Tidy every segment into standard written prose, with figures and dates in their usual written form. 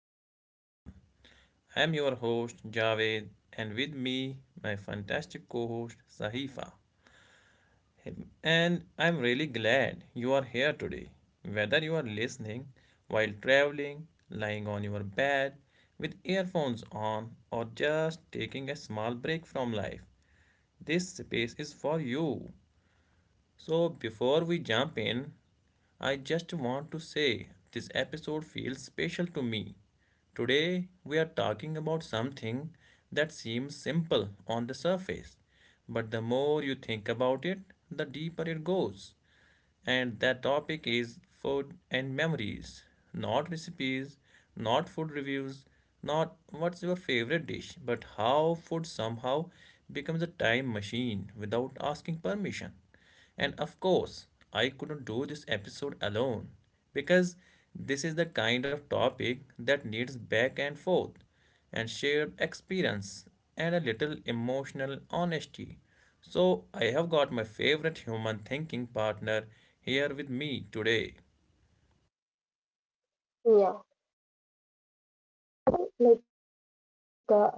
hello everyone. I'm your host Javed, and with me, my fantastic co host Sahifa. And I'm really glad you are here today. Whether you are listening while traveling, lying on your bed with earphones on, or just taking a small break from life, this space is for you. So, before we jump in, I just want to say this episode feels special to me. Today, we are talking about something that seems simple on the surface, but the more you think about it, the deeper it goes. And that topic is food and memories, not recipes, not food reviews, not what's your favorite dish, but how food somehow becomes a time machine without asking permission. And of course, I couldn't do this episode alone because this is the kind of topic that needs back and forth and shared experience and a little emotional honesty. So, I have got my favorite human thinking partner here with Mhm. me today. Yeah,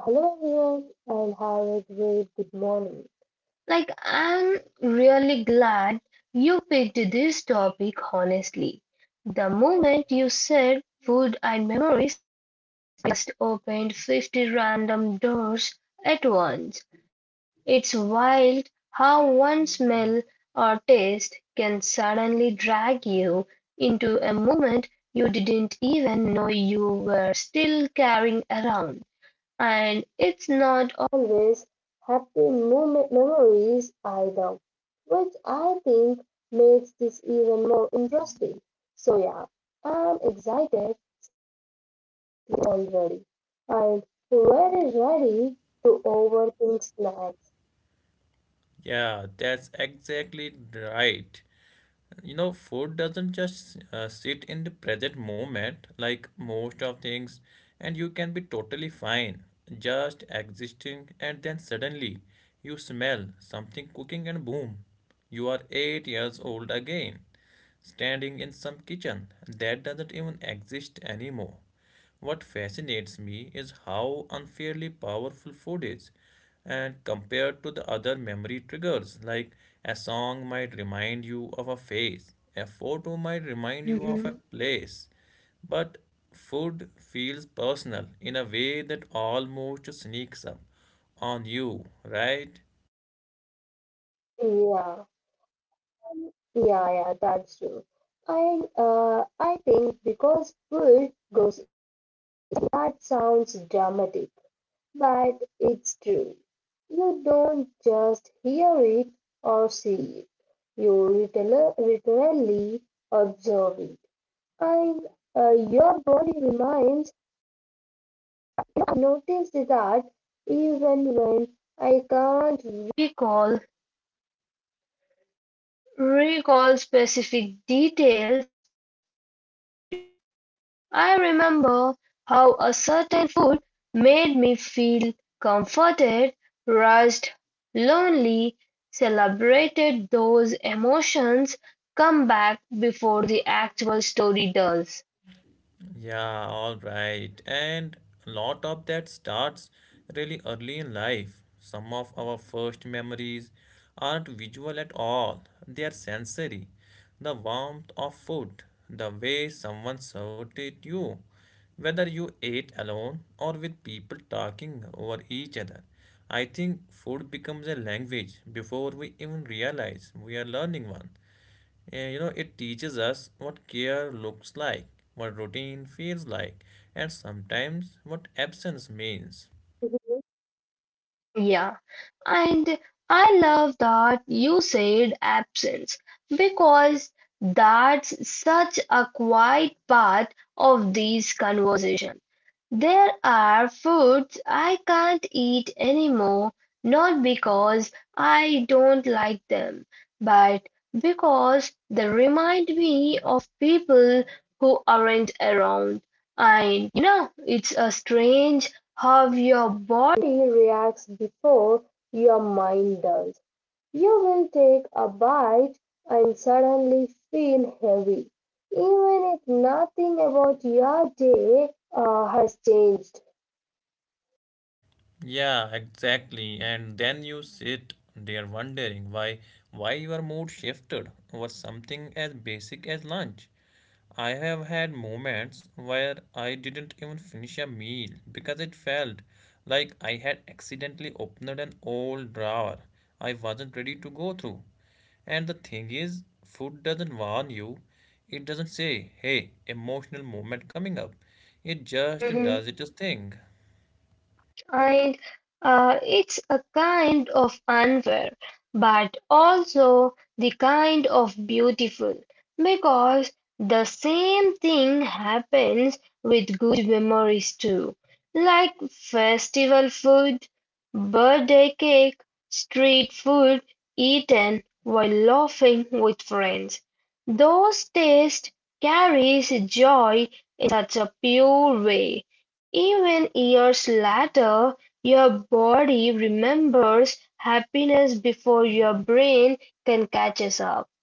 hello everyone and have a great good morning. Like, I'm really glad you picked this topic honestly. The moment you said food and memories, just opened 50 random doors at once. It's wild how one smell or taste can suddenly drag you into a moment you didn't even know you were still carrying around. And it's not always happy memories either, which I think makes this even more interesting. So, yeah, I'm excited already, and very ready to overthink snacks. Yeah, that's exactly right. You know, food doesn't just sit in the present moment like most of things, and you can be totally fine just existing, and then suddenly you smell something cooking and boom, you are 8 years old again, standing in some kitchen that doesn't even exist anymore. What fascinates me is how unfairly powerful food is, and compared to the other memory triggers, like a song might remind you of a face, a photo might remind you of a Hmm. place, but food feels personal in a way that almost sneaks up on you, right? Yeah, yeah, yeah, that's true. I think because food goes, that sounds dramatic, but it's true. You don't just hear it or see it, you literally observe it, and your body reminds. Notice that even when I can't recall recall specific details of memory, I remember how a certain food made me feel comforted, rushed, lonely, celebrated. Those emotions come back before the actual story does. Yeah, all right. And a lot of that starts really early in life. Some of our first memories aren't visual at all, they are sensory. The warmth of food, the way someone served it you, whether you ate alone or with people talking over each other. I think food becomes a language before we even realize we are learning one. Eh, you know, it teaches us what care looks like, what routine feels like, and sometimes what absence means. Mhm. Yeah, and I love that you said absence because that's such a quiet part of these conversations. There are foods I can't eat anymore, not because I don't like them, but because they remind me of people who aren't around. And you know, it's a strange how your body reacts before your mind does. You will take a bite and suddenly feel heavy, even if nothing about your day has changed. Yeah, exactly. And then you sit there wondering why your mood shifted over something as basic as lunch. I have had moments where I didn't even finish a meal because it felt like I had accidentally opened an old drawer I wasn't ready to go through. And the thing is, food doesn't warn you. It doesn't say, hey, emotional moment coming up. It just does its Mhm. thing. And uh, it's a kind of unfair, but also the kind of beautiful, because the same thing happens with good memories too, like festival food, birthday cake, street food eaten while laughing with friends. Those tastes carries joy such a pure way, even years later, your body remembers happiness before your brain can catches up.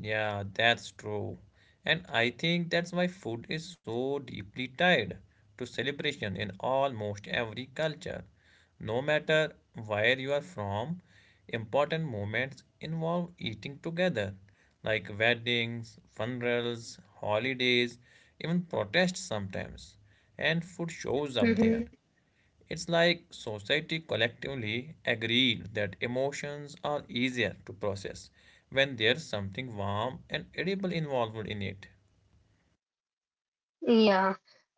Yeah, that's true. And I think that's why food is so deeply tied to celebration in almost every culture. No matter where you are from, important moments involve eating together, like weddings, funerals, holidays, even protests sometimes. And food shows up there. Mhm. It's like society collectively agreed that emotions are easier to process when there's something warm and edible involved in it. Yeah.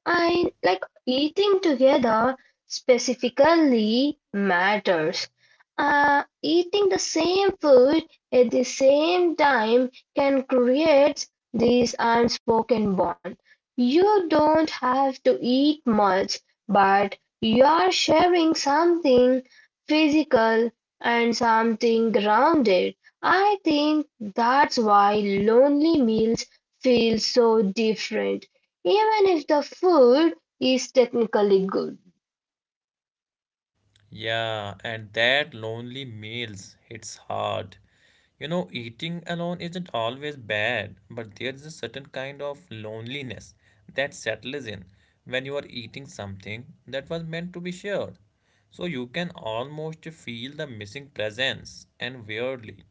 I like eating together specifically matters. Eating the same food at the same time can create this unspoken bond. You don't have to eat much, but you are sharing something physical and something grounded. I think that's why lonely meals feel so different even if the food is technically good. Yeah, and that lonely meals hits hard. You know, eating alone isn't always bad, but there is a certain kind of loneliness that settles in when you are eating something that was meant to be shared. So you can almost feel the missing presence, and weirdly,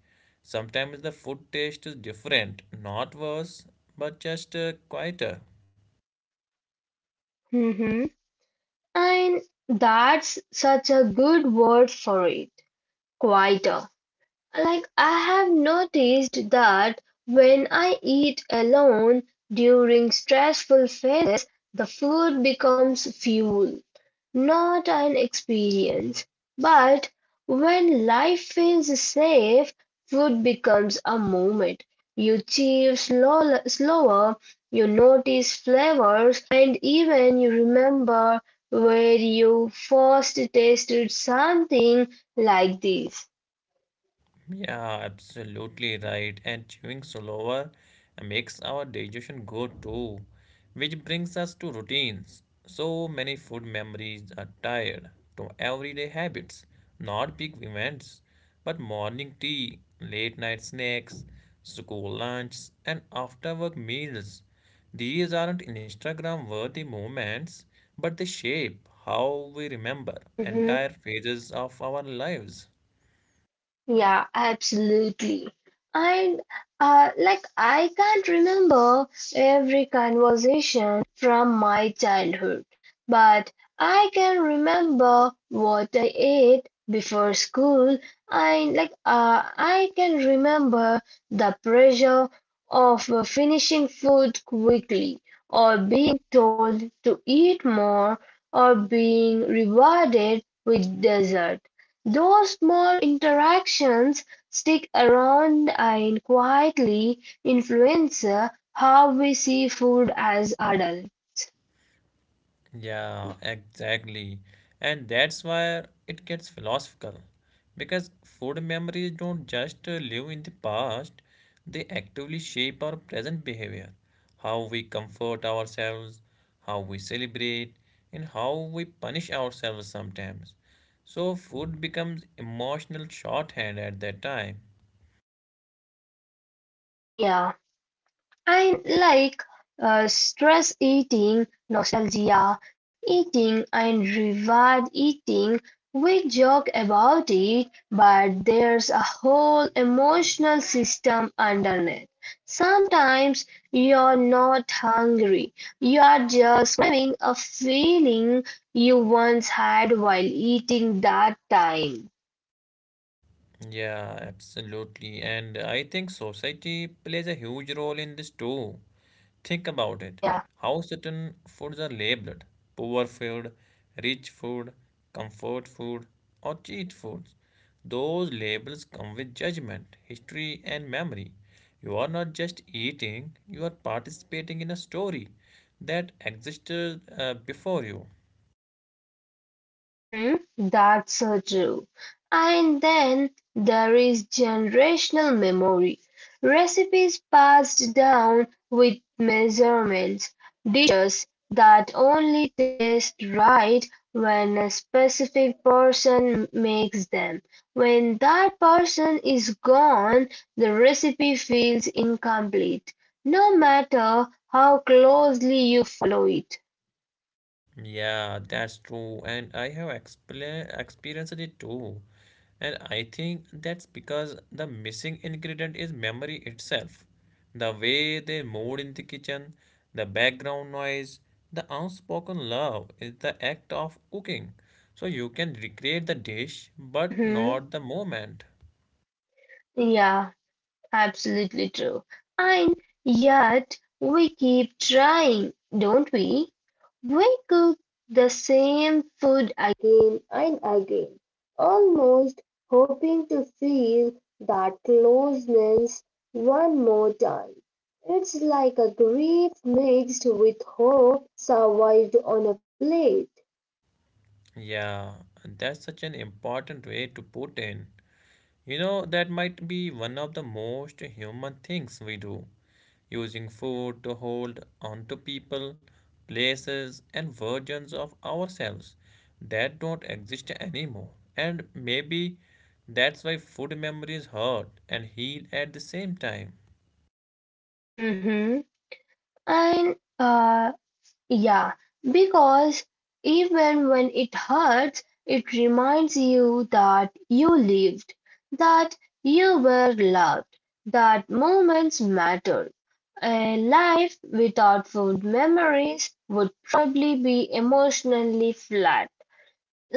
sometimes the food taste is different, not worse, but just quieter. Mhm. And that's such a good word for it. Quieter. Like I have noticed that when I eat alone during stressful phases, the food becomes fuel, not an experience. But when life feels safe, food becomes a moment. You chew slower, you notice flavors, and even you remember where you first tasted something like this. Yeah, absolutely right. And chewing slower makes our digestion go too, which brings us to routines. So many food memories are tied to everyday habits, not big events, but morning tea, late night snacks, school lunch, and after work meals. These aren't Instagram worthy moments, but they shape how we remember entire Mhm. phases of our lives. Yeah, absolutely. And I can't remember every conversation from my childhood, but I can remember what I ate before school. And I can remember the pressure of finishing food quickly, or being told to eat more, or being rewarded with dessert. Those small interactions stick around and quietly influence how we see food as adults. Yeah, exactly. And that's why it gets philosophical. Because food memories don't just live in the past, they actively shape our present behavior, how we comfort ourselves, how we celebrate, and how we punish ourselves sometimes. So, food becomes emotional shorthand at that time. Yeah. I like stress eating, nostalgia eating, and reward eating. We joke about it, but there's a whole emotional system underneath. Sometimes you're not hungry, you're just craving a feeling you once had while eating that time. Yeah, absolutely. And I think society plays a huge role in this too. Think about it. Yeah. How certain foods are labeled poor food, rich food, comfort food, or cheat foods. Those labels come with judgment, history, and memory. You are not just eating, you are participating in a story that existed before you. Mhm, that's so true. And then there is generational memory. Recipes passed down with measurements, dishes that only taste right when a specific person makes them. When that person is gone, the recipe feels incomplete, no matter how closely you follow it. Yeah, that's true. And I have expla experienced it too. And I think that's because the missing ingredient is memory itself. The way they moved in the kitchen, the background noise, the unspoken love is the act of cooking. So you can recreate the dish, but not Mhm. the moment. Yeah. Absolutely true. And yet we keep trying, don't we? We cook the same food again and again, almost hoping to feel that closeness one more time. It's like a grief mixed with hope survived on a plate. Yeah, that's such an important way to put in. You know, that might be one of the most human things we do, using food to hold onto people, places, and versions of ourselves that don't exist anymore. And maybe that's why food memories hurt and heal at the same time. Mhm. And yeah, because even when it hurts, it reminds you that you lived, that you were loved, that moments mattered. A life without food memories would probably be emotionally flat,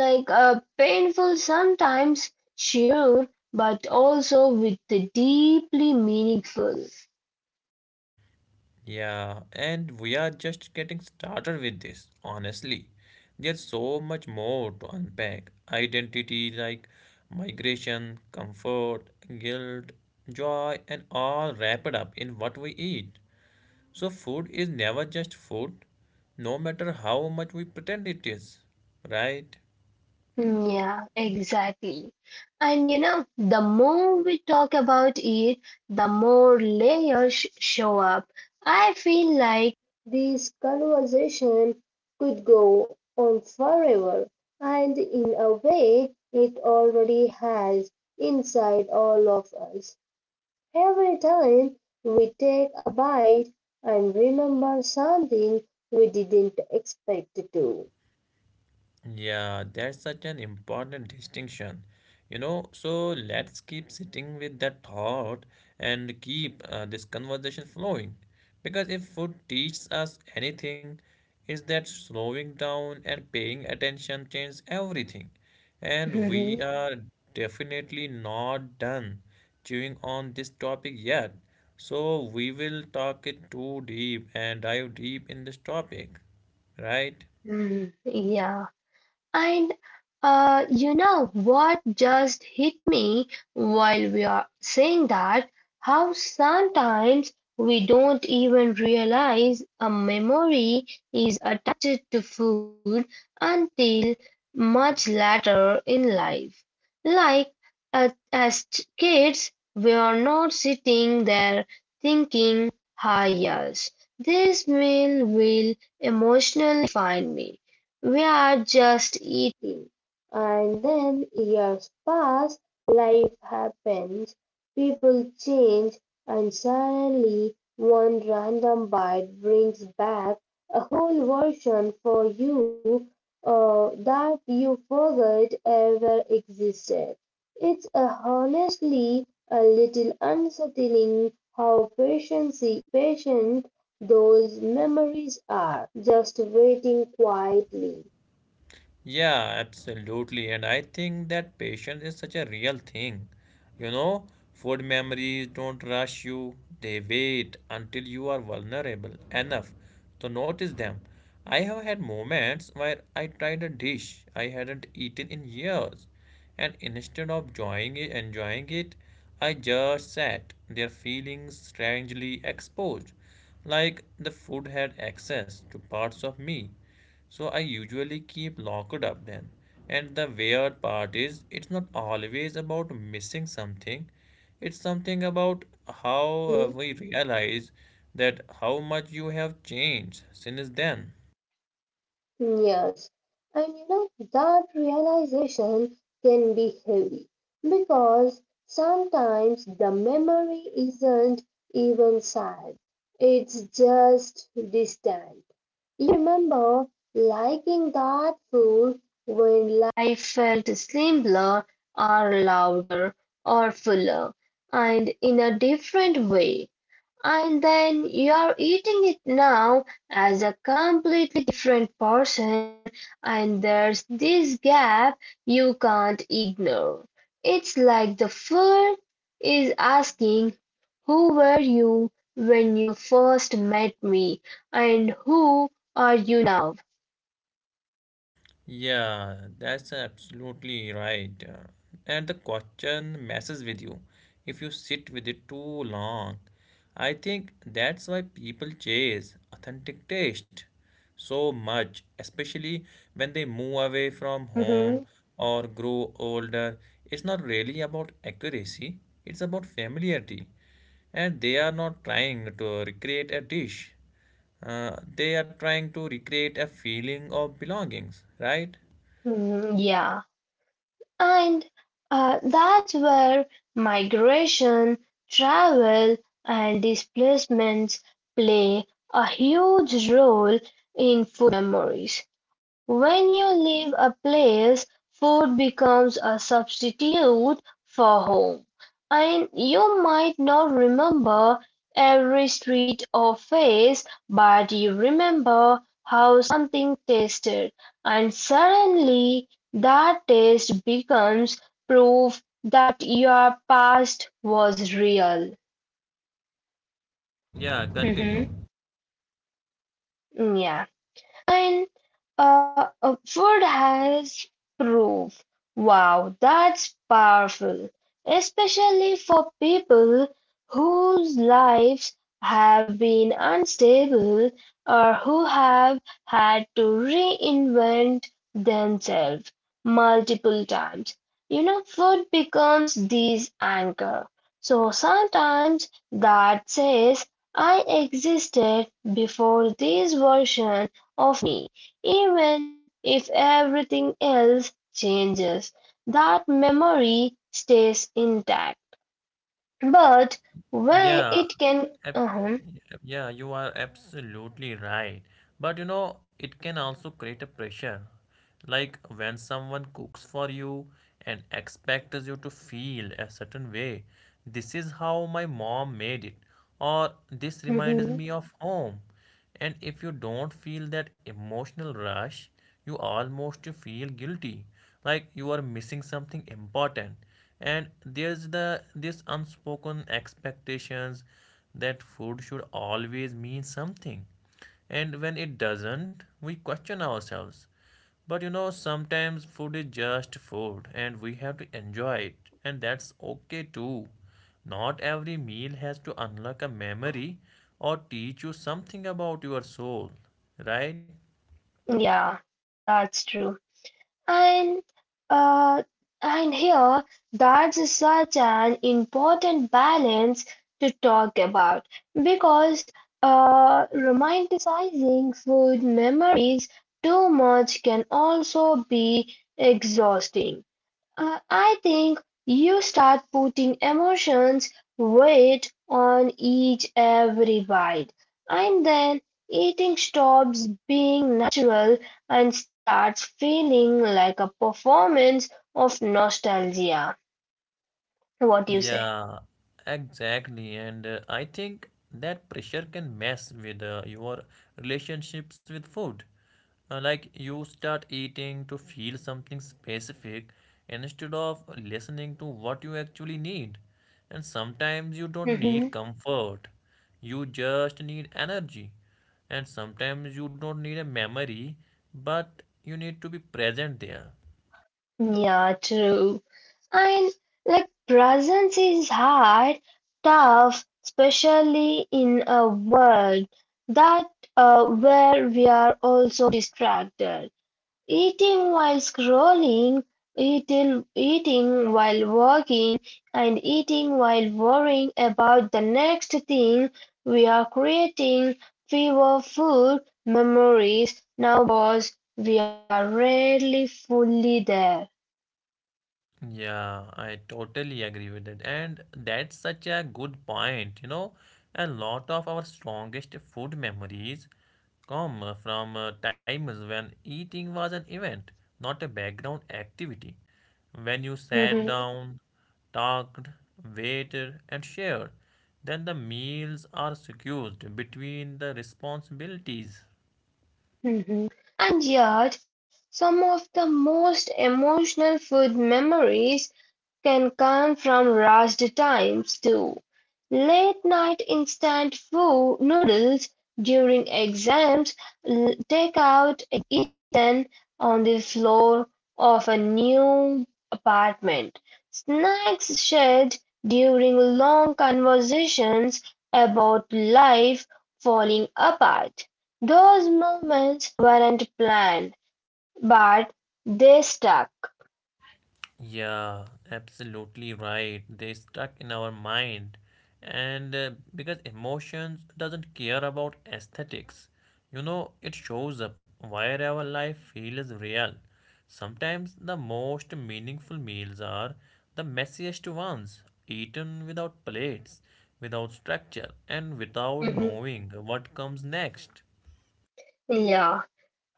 like a painful sometimes, sure, but also with the deeply meaningful. Yeah, and we are just getting started with this, honestly. There's so much more to unpack identity like migration, comfort, guilt, joy, and all wrapped up in what we eat. So, food is never just food, no matter how much we pretend it is, right? Yeah, exactly. And you know, the more we talk about it, the more layers show up. I feel like this conversation could go on forever, and in a way, it already has inside all of us. Every time we take a bite and remember something we didn't expect to. Yeah, that's such an important distinction. You know, so let's keep sitting with that thought and keep this conversation flowing. Because if food teaches us anything, it's that slowing down and paying attention changes everything. And we are definitely not done chewing on this topic yet. So we will talk it too deep and dive deep in this topic, right? Mhm. Mhm. Yeah. And you know what just hit me while we are saying that? How sometimes we don't even realize a memory is attached to food until much later in life. Like as kids, we are not sitting there thinking, "Hi, yes, this meal will emotionally define me." We are just eating. And then years pass, life happens, people change, and suddenly one random bite brings back a whole version for you that you forgot ever existed. It's honestly a little unsettling how patient those memories are, just waiting quietly. Yeah, absolutely. And I think that patience is such a real thing. You know, food memories don't rush you, they wait until you are vulnerable enough to notice them. I have had moments where I tried a dish I hadn't eaten in years, and instead of enjoying it, I just sat there feeling strangely exposed, like the food had access to parts of me so I usually keep locked up then. And the weird part is, it's not always about missing something. It's something about how Mhm. we realize that how much you have changed since then. Yes. And you know, that realization can be heavy because sometimes the memory isn't even sad, it's just distant. You remember liking that food when life felt simpler or louder or fuller and in a different way. And then you're eating it now as a completely different person, and there's this gap you can't ignore. It's like the food is asking, who were you when you first met me, and who are you now? Yeah, that's absolutely right. And the question messes with you if you sit with it too long. I think that's why people chase authentic taste so much, especially when they move away from home Mhm, or grow older. It's not really about accuracy, it's about familiarity. And they are not trying to recreate a dish. They are trying to recreate a feeling of belongings, right? mhm, yeah. And that's where migration, travel, and displacements play a huge role in food memories. When you leave a place, food becomes a substitute for home, and you might not remember every street or face, but you remember how something tasted, and suddenly that taste becomes proof that your past was real. Yeah, continue. Mm-hmm. Yeah. And Wood has proof. Wow, that's powerful, especially for people whose lives have been unstable or who have had to reinvent themselves multiple times. You know, food becomes this anchor. So sometimes that says, I existed before this version of, even if everything else changes, that memory stays intact. But when Yeah, it can, ab- uh-huh, yeah, you are absolutely right. But you know, it can also create a pressure. Like when someone cooks for you and expects you to feel a certain way. This is how my mom made it, or this reminds mhm. me of home. And if you don't feel that emotional rush, you almost feel guilty, like you are missing something important, and there's the this unspoken expectations that food should always mean something, and when it doesn't, we question ourselves. But you know, sometimes food is just food and we have to enjoy it, and that's okay too. Not every meal has to unlock a memory or teach you something about your soul, right? Yeah, that's true. And uh, here, that's such an important balance to talk about because uh, romanticizing food memories too much can also be exhausting. I think you start putting emotions weight on each every bite, and then eating stops being natural and starts feeling like a performance of nostalgia. What do you say? Yeah, exactly. And I think that pressure can mess with your relationships with food. Like you start eating to feel something specific instead of listening to what you actually need. And sometimes you don't need comfort, you just need energy. And sometimes you don't need a memory, but you need to be present there. Yeah, true. And like presence is hard, tough, especially in a world that where we are also distracted. Eating while scrolling, eating while walking, and eating while worrying about the next thing, we are creating fewer food memories now because we are rarely fully there. Yeah, I totally agree with that. And that's such a good point. You know, a lot of our strongest food memories come from times when eating was an event, not a background activity. When you Mhm, sat down, talked, waited, and shared, then the meals are secured between the responsibilities. mhm. And yet, some of the most emotional food memories can come from rushed times too. Late night instant food noodles during exams, takeout eaten on the floor of a new apartment, snacks shared during long conversations about life falling apart. Those moments weren't planned, but they stuck. Yeah, absolutely right. They stuck in our mind, and because emotions doesn't care about aesthetics, you know, it shows up wherever life feels real. Sometimes the most meaningful meals are the messiest ones, eaten without plates, without structure, and without Mhm. knowing what comes next. Yeah.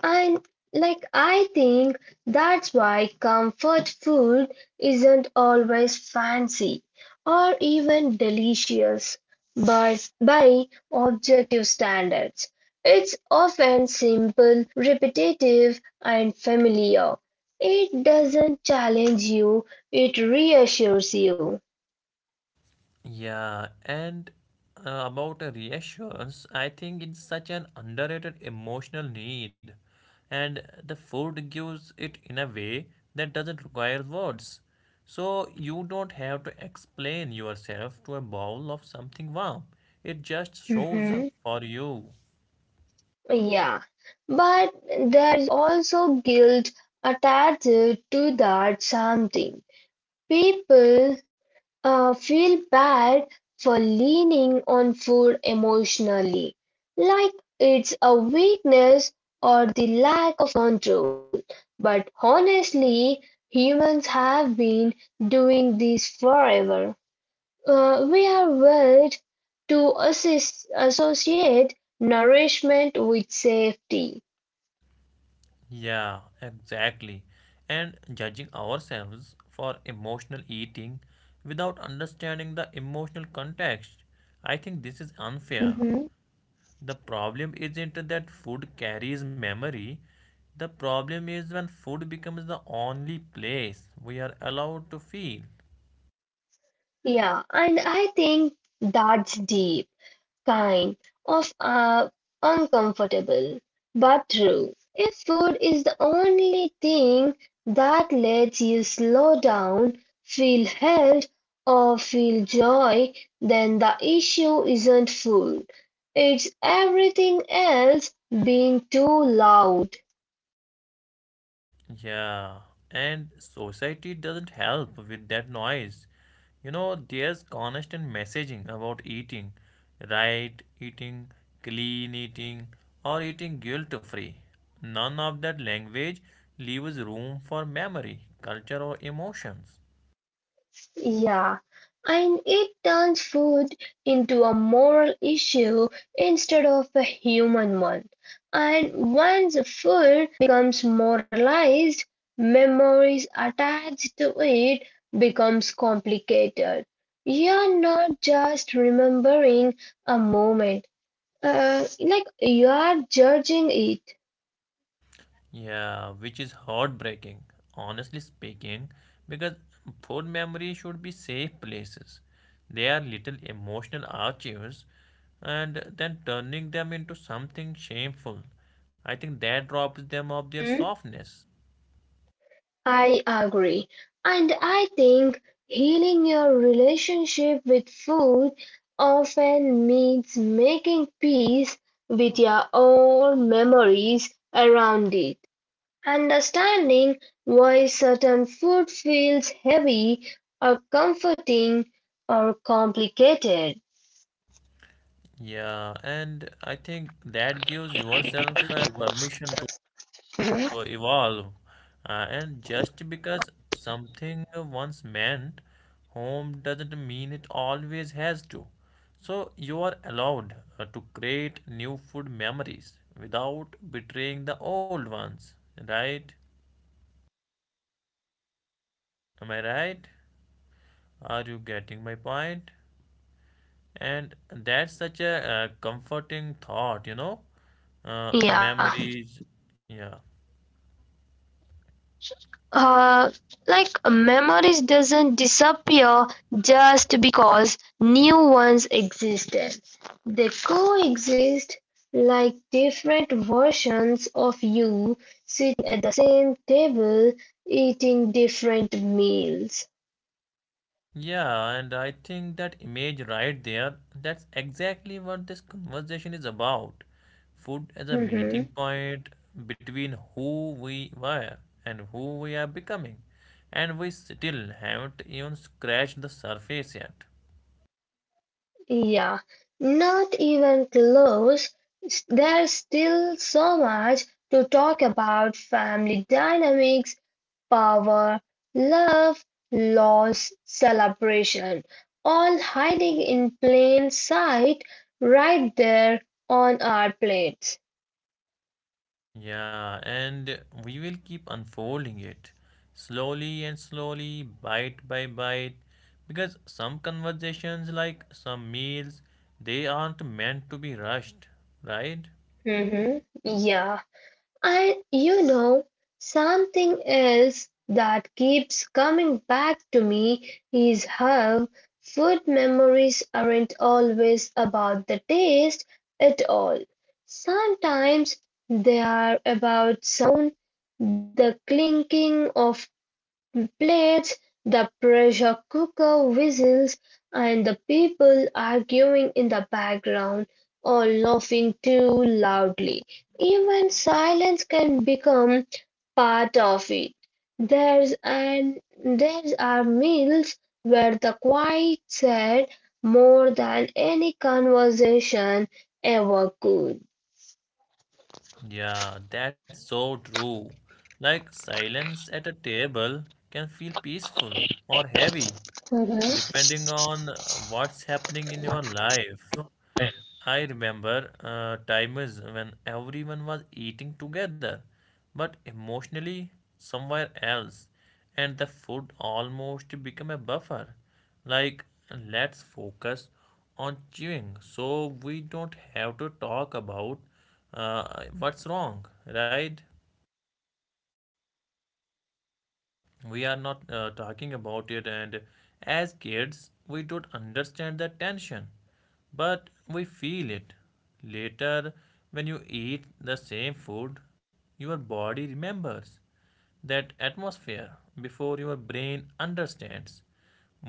And like I think that's why comfort food isn't always fancy or even delicious, but by objective standards. It's often simple, repetitive, and familiar. It doesn't challenge you, it reassures you. Yeah, and about a reassurance, I think it's such an underrated emotional need, and the food gives it in a way that doesn't require words. So you don't have to explain yourself to a bowl of something warm. It just shows up Mhm. for you. Yeah. But there is also guilt attached to that something. People feel bad for leaning on food emotionally, like it's a weakness or the lack of control. But honestly, humans have been doing this forever. We are wired to associate nourishment with safety. Yeah, exactly. And judging ourselves for emotional eating without understanding the emotional context, I think this is unfair. Hmm. The problem isn't that food carries memory. The problem is when food becomes the only place we are allowed to feel. Yeah, and I think that's deep. Kind of uncomfortable but true. If food is the only thing that lets you slow down, feel held, or feel joy, then the issue isn't food. It's everything else being too loud. Yeah, and society doesn't help with that noise. You know, there's constant messaging about eating right eating, clean eating, or eating guilt free. None of that language leaves room for memory, culture, or emotions. Yeah, and it turns food into a moral issue instead of a human one. And once a food becomes moralized, memories attached to it becomes complicated. You're not just remembering a moment, like you are judging it. Yeah, which is heartbreaking, honestly speaking, because food memory should be safe places. They are little emotional archives, and then turning them into something shameful. I think that robs them of their Hmm? softness. I agree. And I think healing your relationship with food often means making peace with your own memories around it. Understanding why certain food feels heavy or comforting or complicated. Yeah, and I think that gives yourself a permission to evolve. And just because something once meant home doesn't mean it always has to. So you are allowed to create new food memories without betraying the old ones, right? Am I right? Are you getting my point? And that's such a comforting thought, you know? Yeah. Memories, yeah. Uh, like memories doesn't disappear just because new ones existed. They coexist like different versions of you sitting at the same table eating different meals. Yeah, and I think that image right there, that's exactly what this conversation is about. Food as a meeting Mhm. point between who we were and who we are becoming. And we still haven't even scratched the surface yet. Yeah, not even close. There's still so much to talk about family dynamics, power, love, loss, celebration, all hiding in plain sight right there on our plates. Yeah, and we will keep unfolding it slowly and slowly, bite by bite, because some conversations, like some meals, they aren't meant to be rushed, right? Hmm. Yeah. And you know, something else that keeps coming back to me is how food memories aren't always about the taste at all. Sometimes they are about sound, the clinking of plates, the pressure cooker whistles, and the people arguing in the background or laughing too loudly. Even silence can become part of it. There's are meals where the quiet said more than any conversation ever could. Yeah, that's so true. Like silence at a table can feel peaceful or heavy, Mhm. depending on what's happening in your life. I remember times when everyone was eating together, but emotionally somewhere else, and the food almost became a buffer. Like, let's focus on chewing so we don't have to talk about what's wrong, right? We are not talking about it, and as kids we don't understand the tension, but we feel it later. When you eat the same food, your body remembers that atmosphere before your brain understands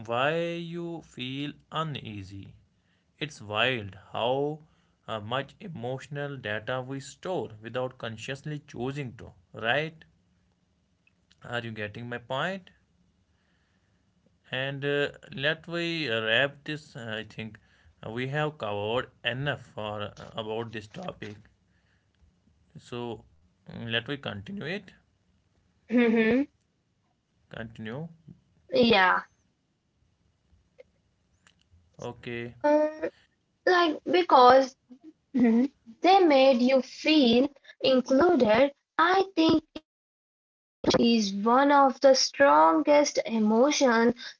why you feel uneasy. It's wild how much emotional data we store without consciously choosing to, right? Are you getting my point? And let we wrap this. I think we have covered enough for about this topic. So let we continue it. Mhm. Continue. Yeah. Okay. Um, like because mhm, they made you feel included, I think, is one of the strongest emotions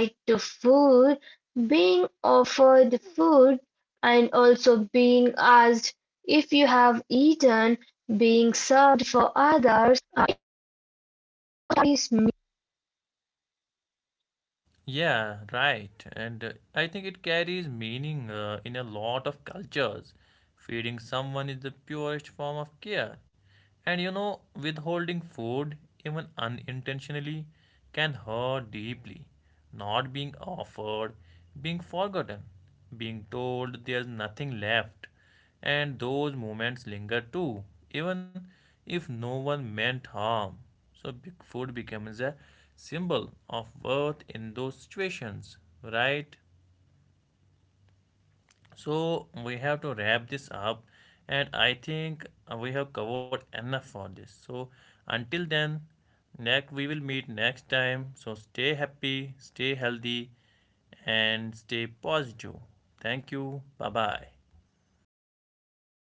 tied to food, being offered food and also being asked if you have eaten, being served for others is Yeah, right. And I think it carries meaning in a lot of cultures. Feeding someone is the purest form of care. And you know, withholding food, even unintentionally, can hurt deeply. Not being offered, being forgotten, being told there's nothing left. And those moments linger too, even if no one meant harm. So food becomes a symbol of worth in those situations, right? So we have to wrap this up, and I think we have covered enough for this. So until then, next we will meet next time. So stay happy, stay healthy, and stay positive. Thank you. Bye bye.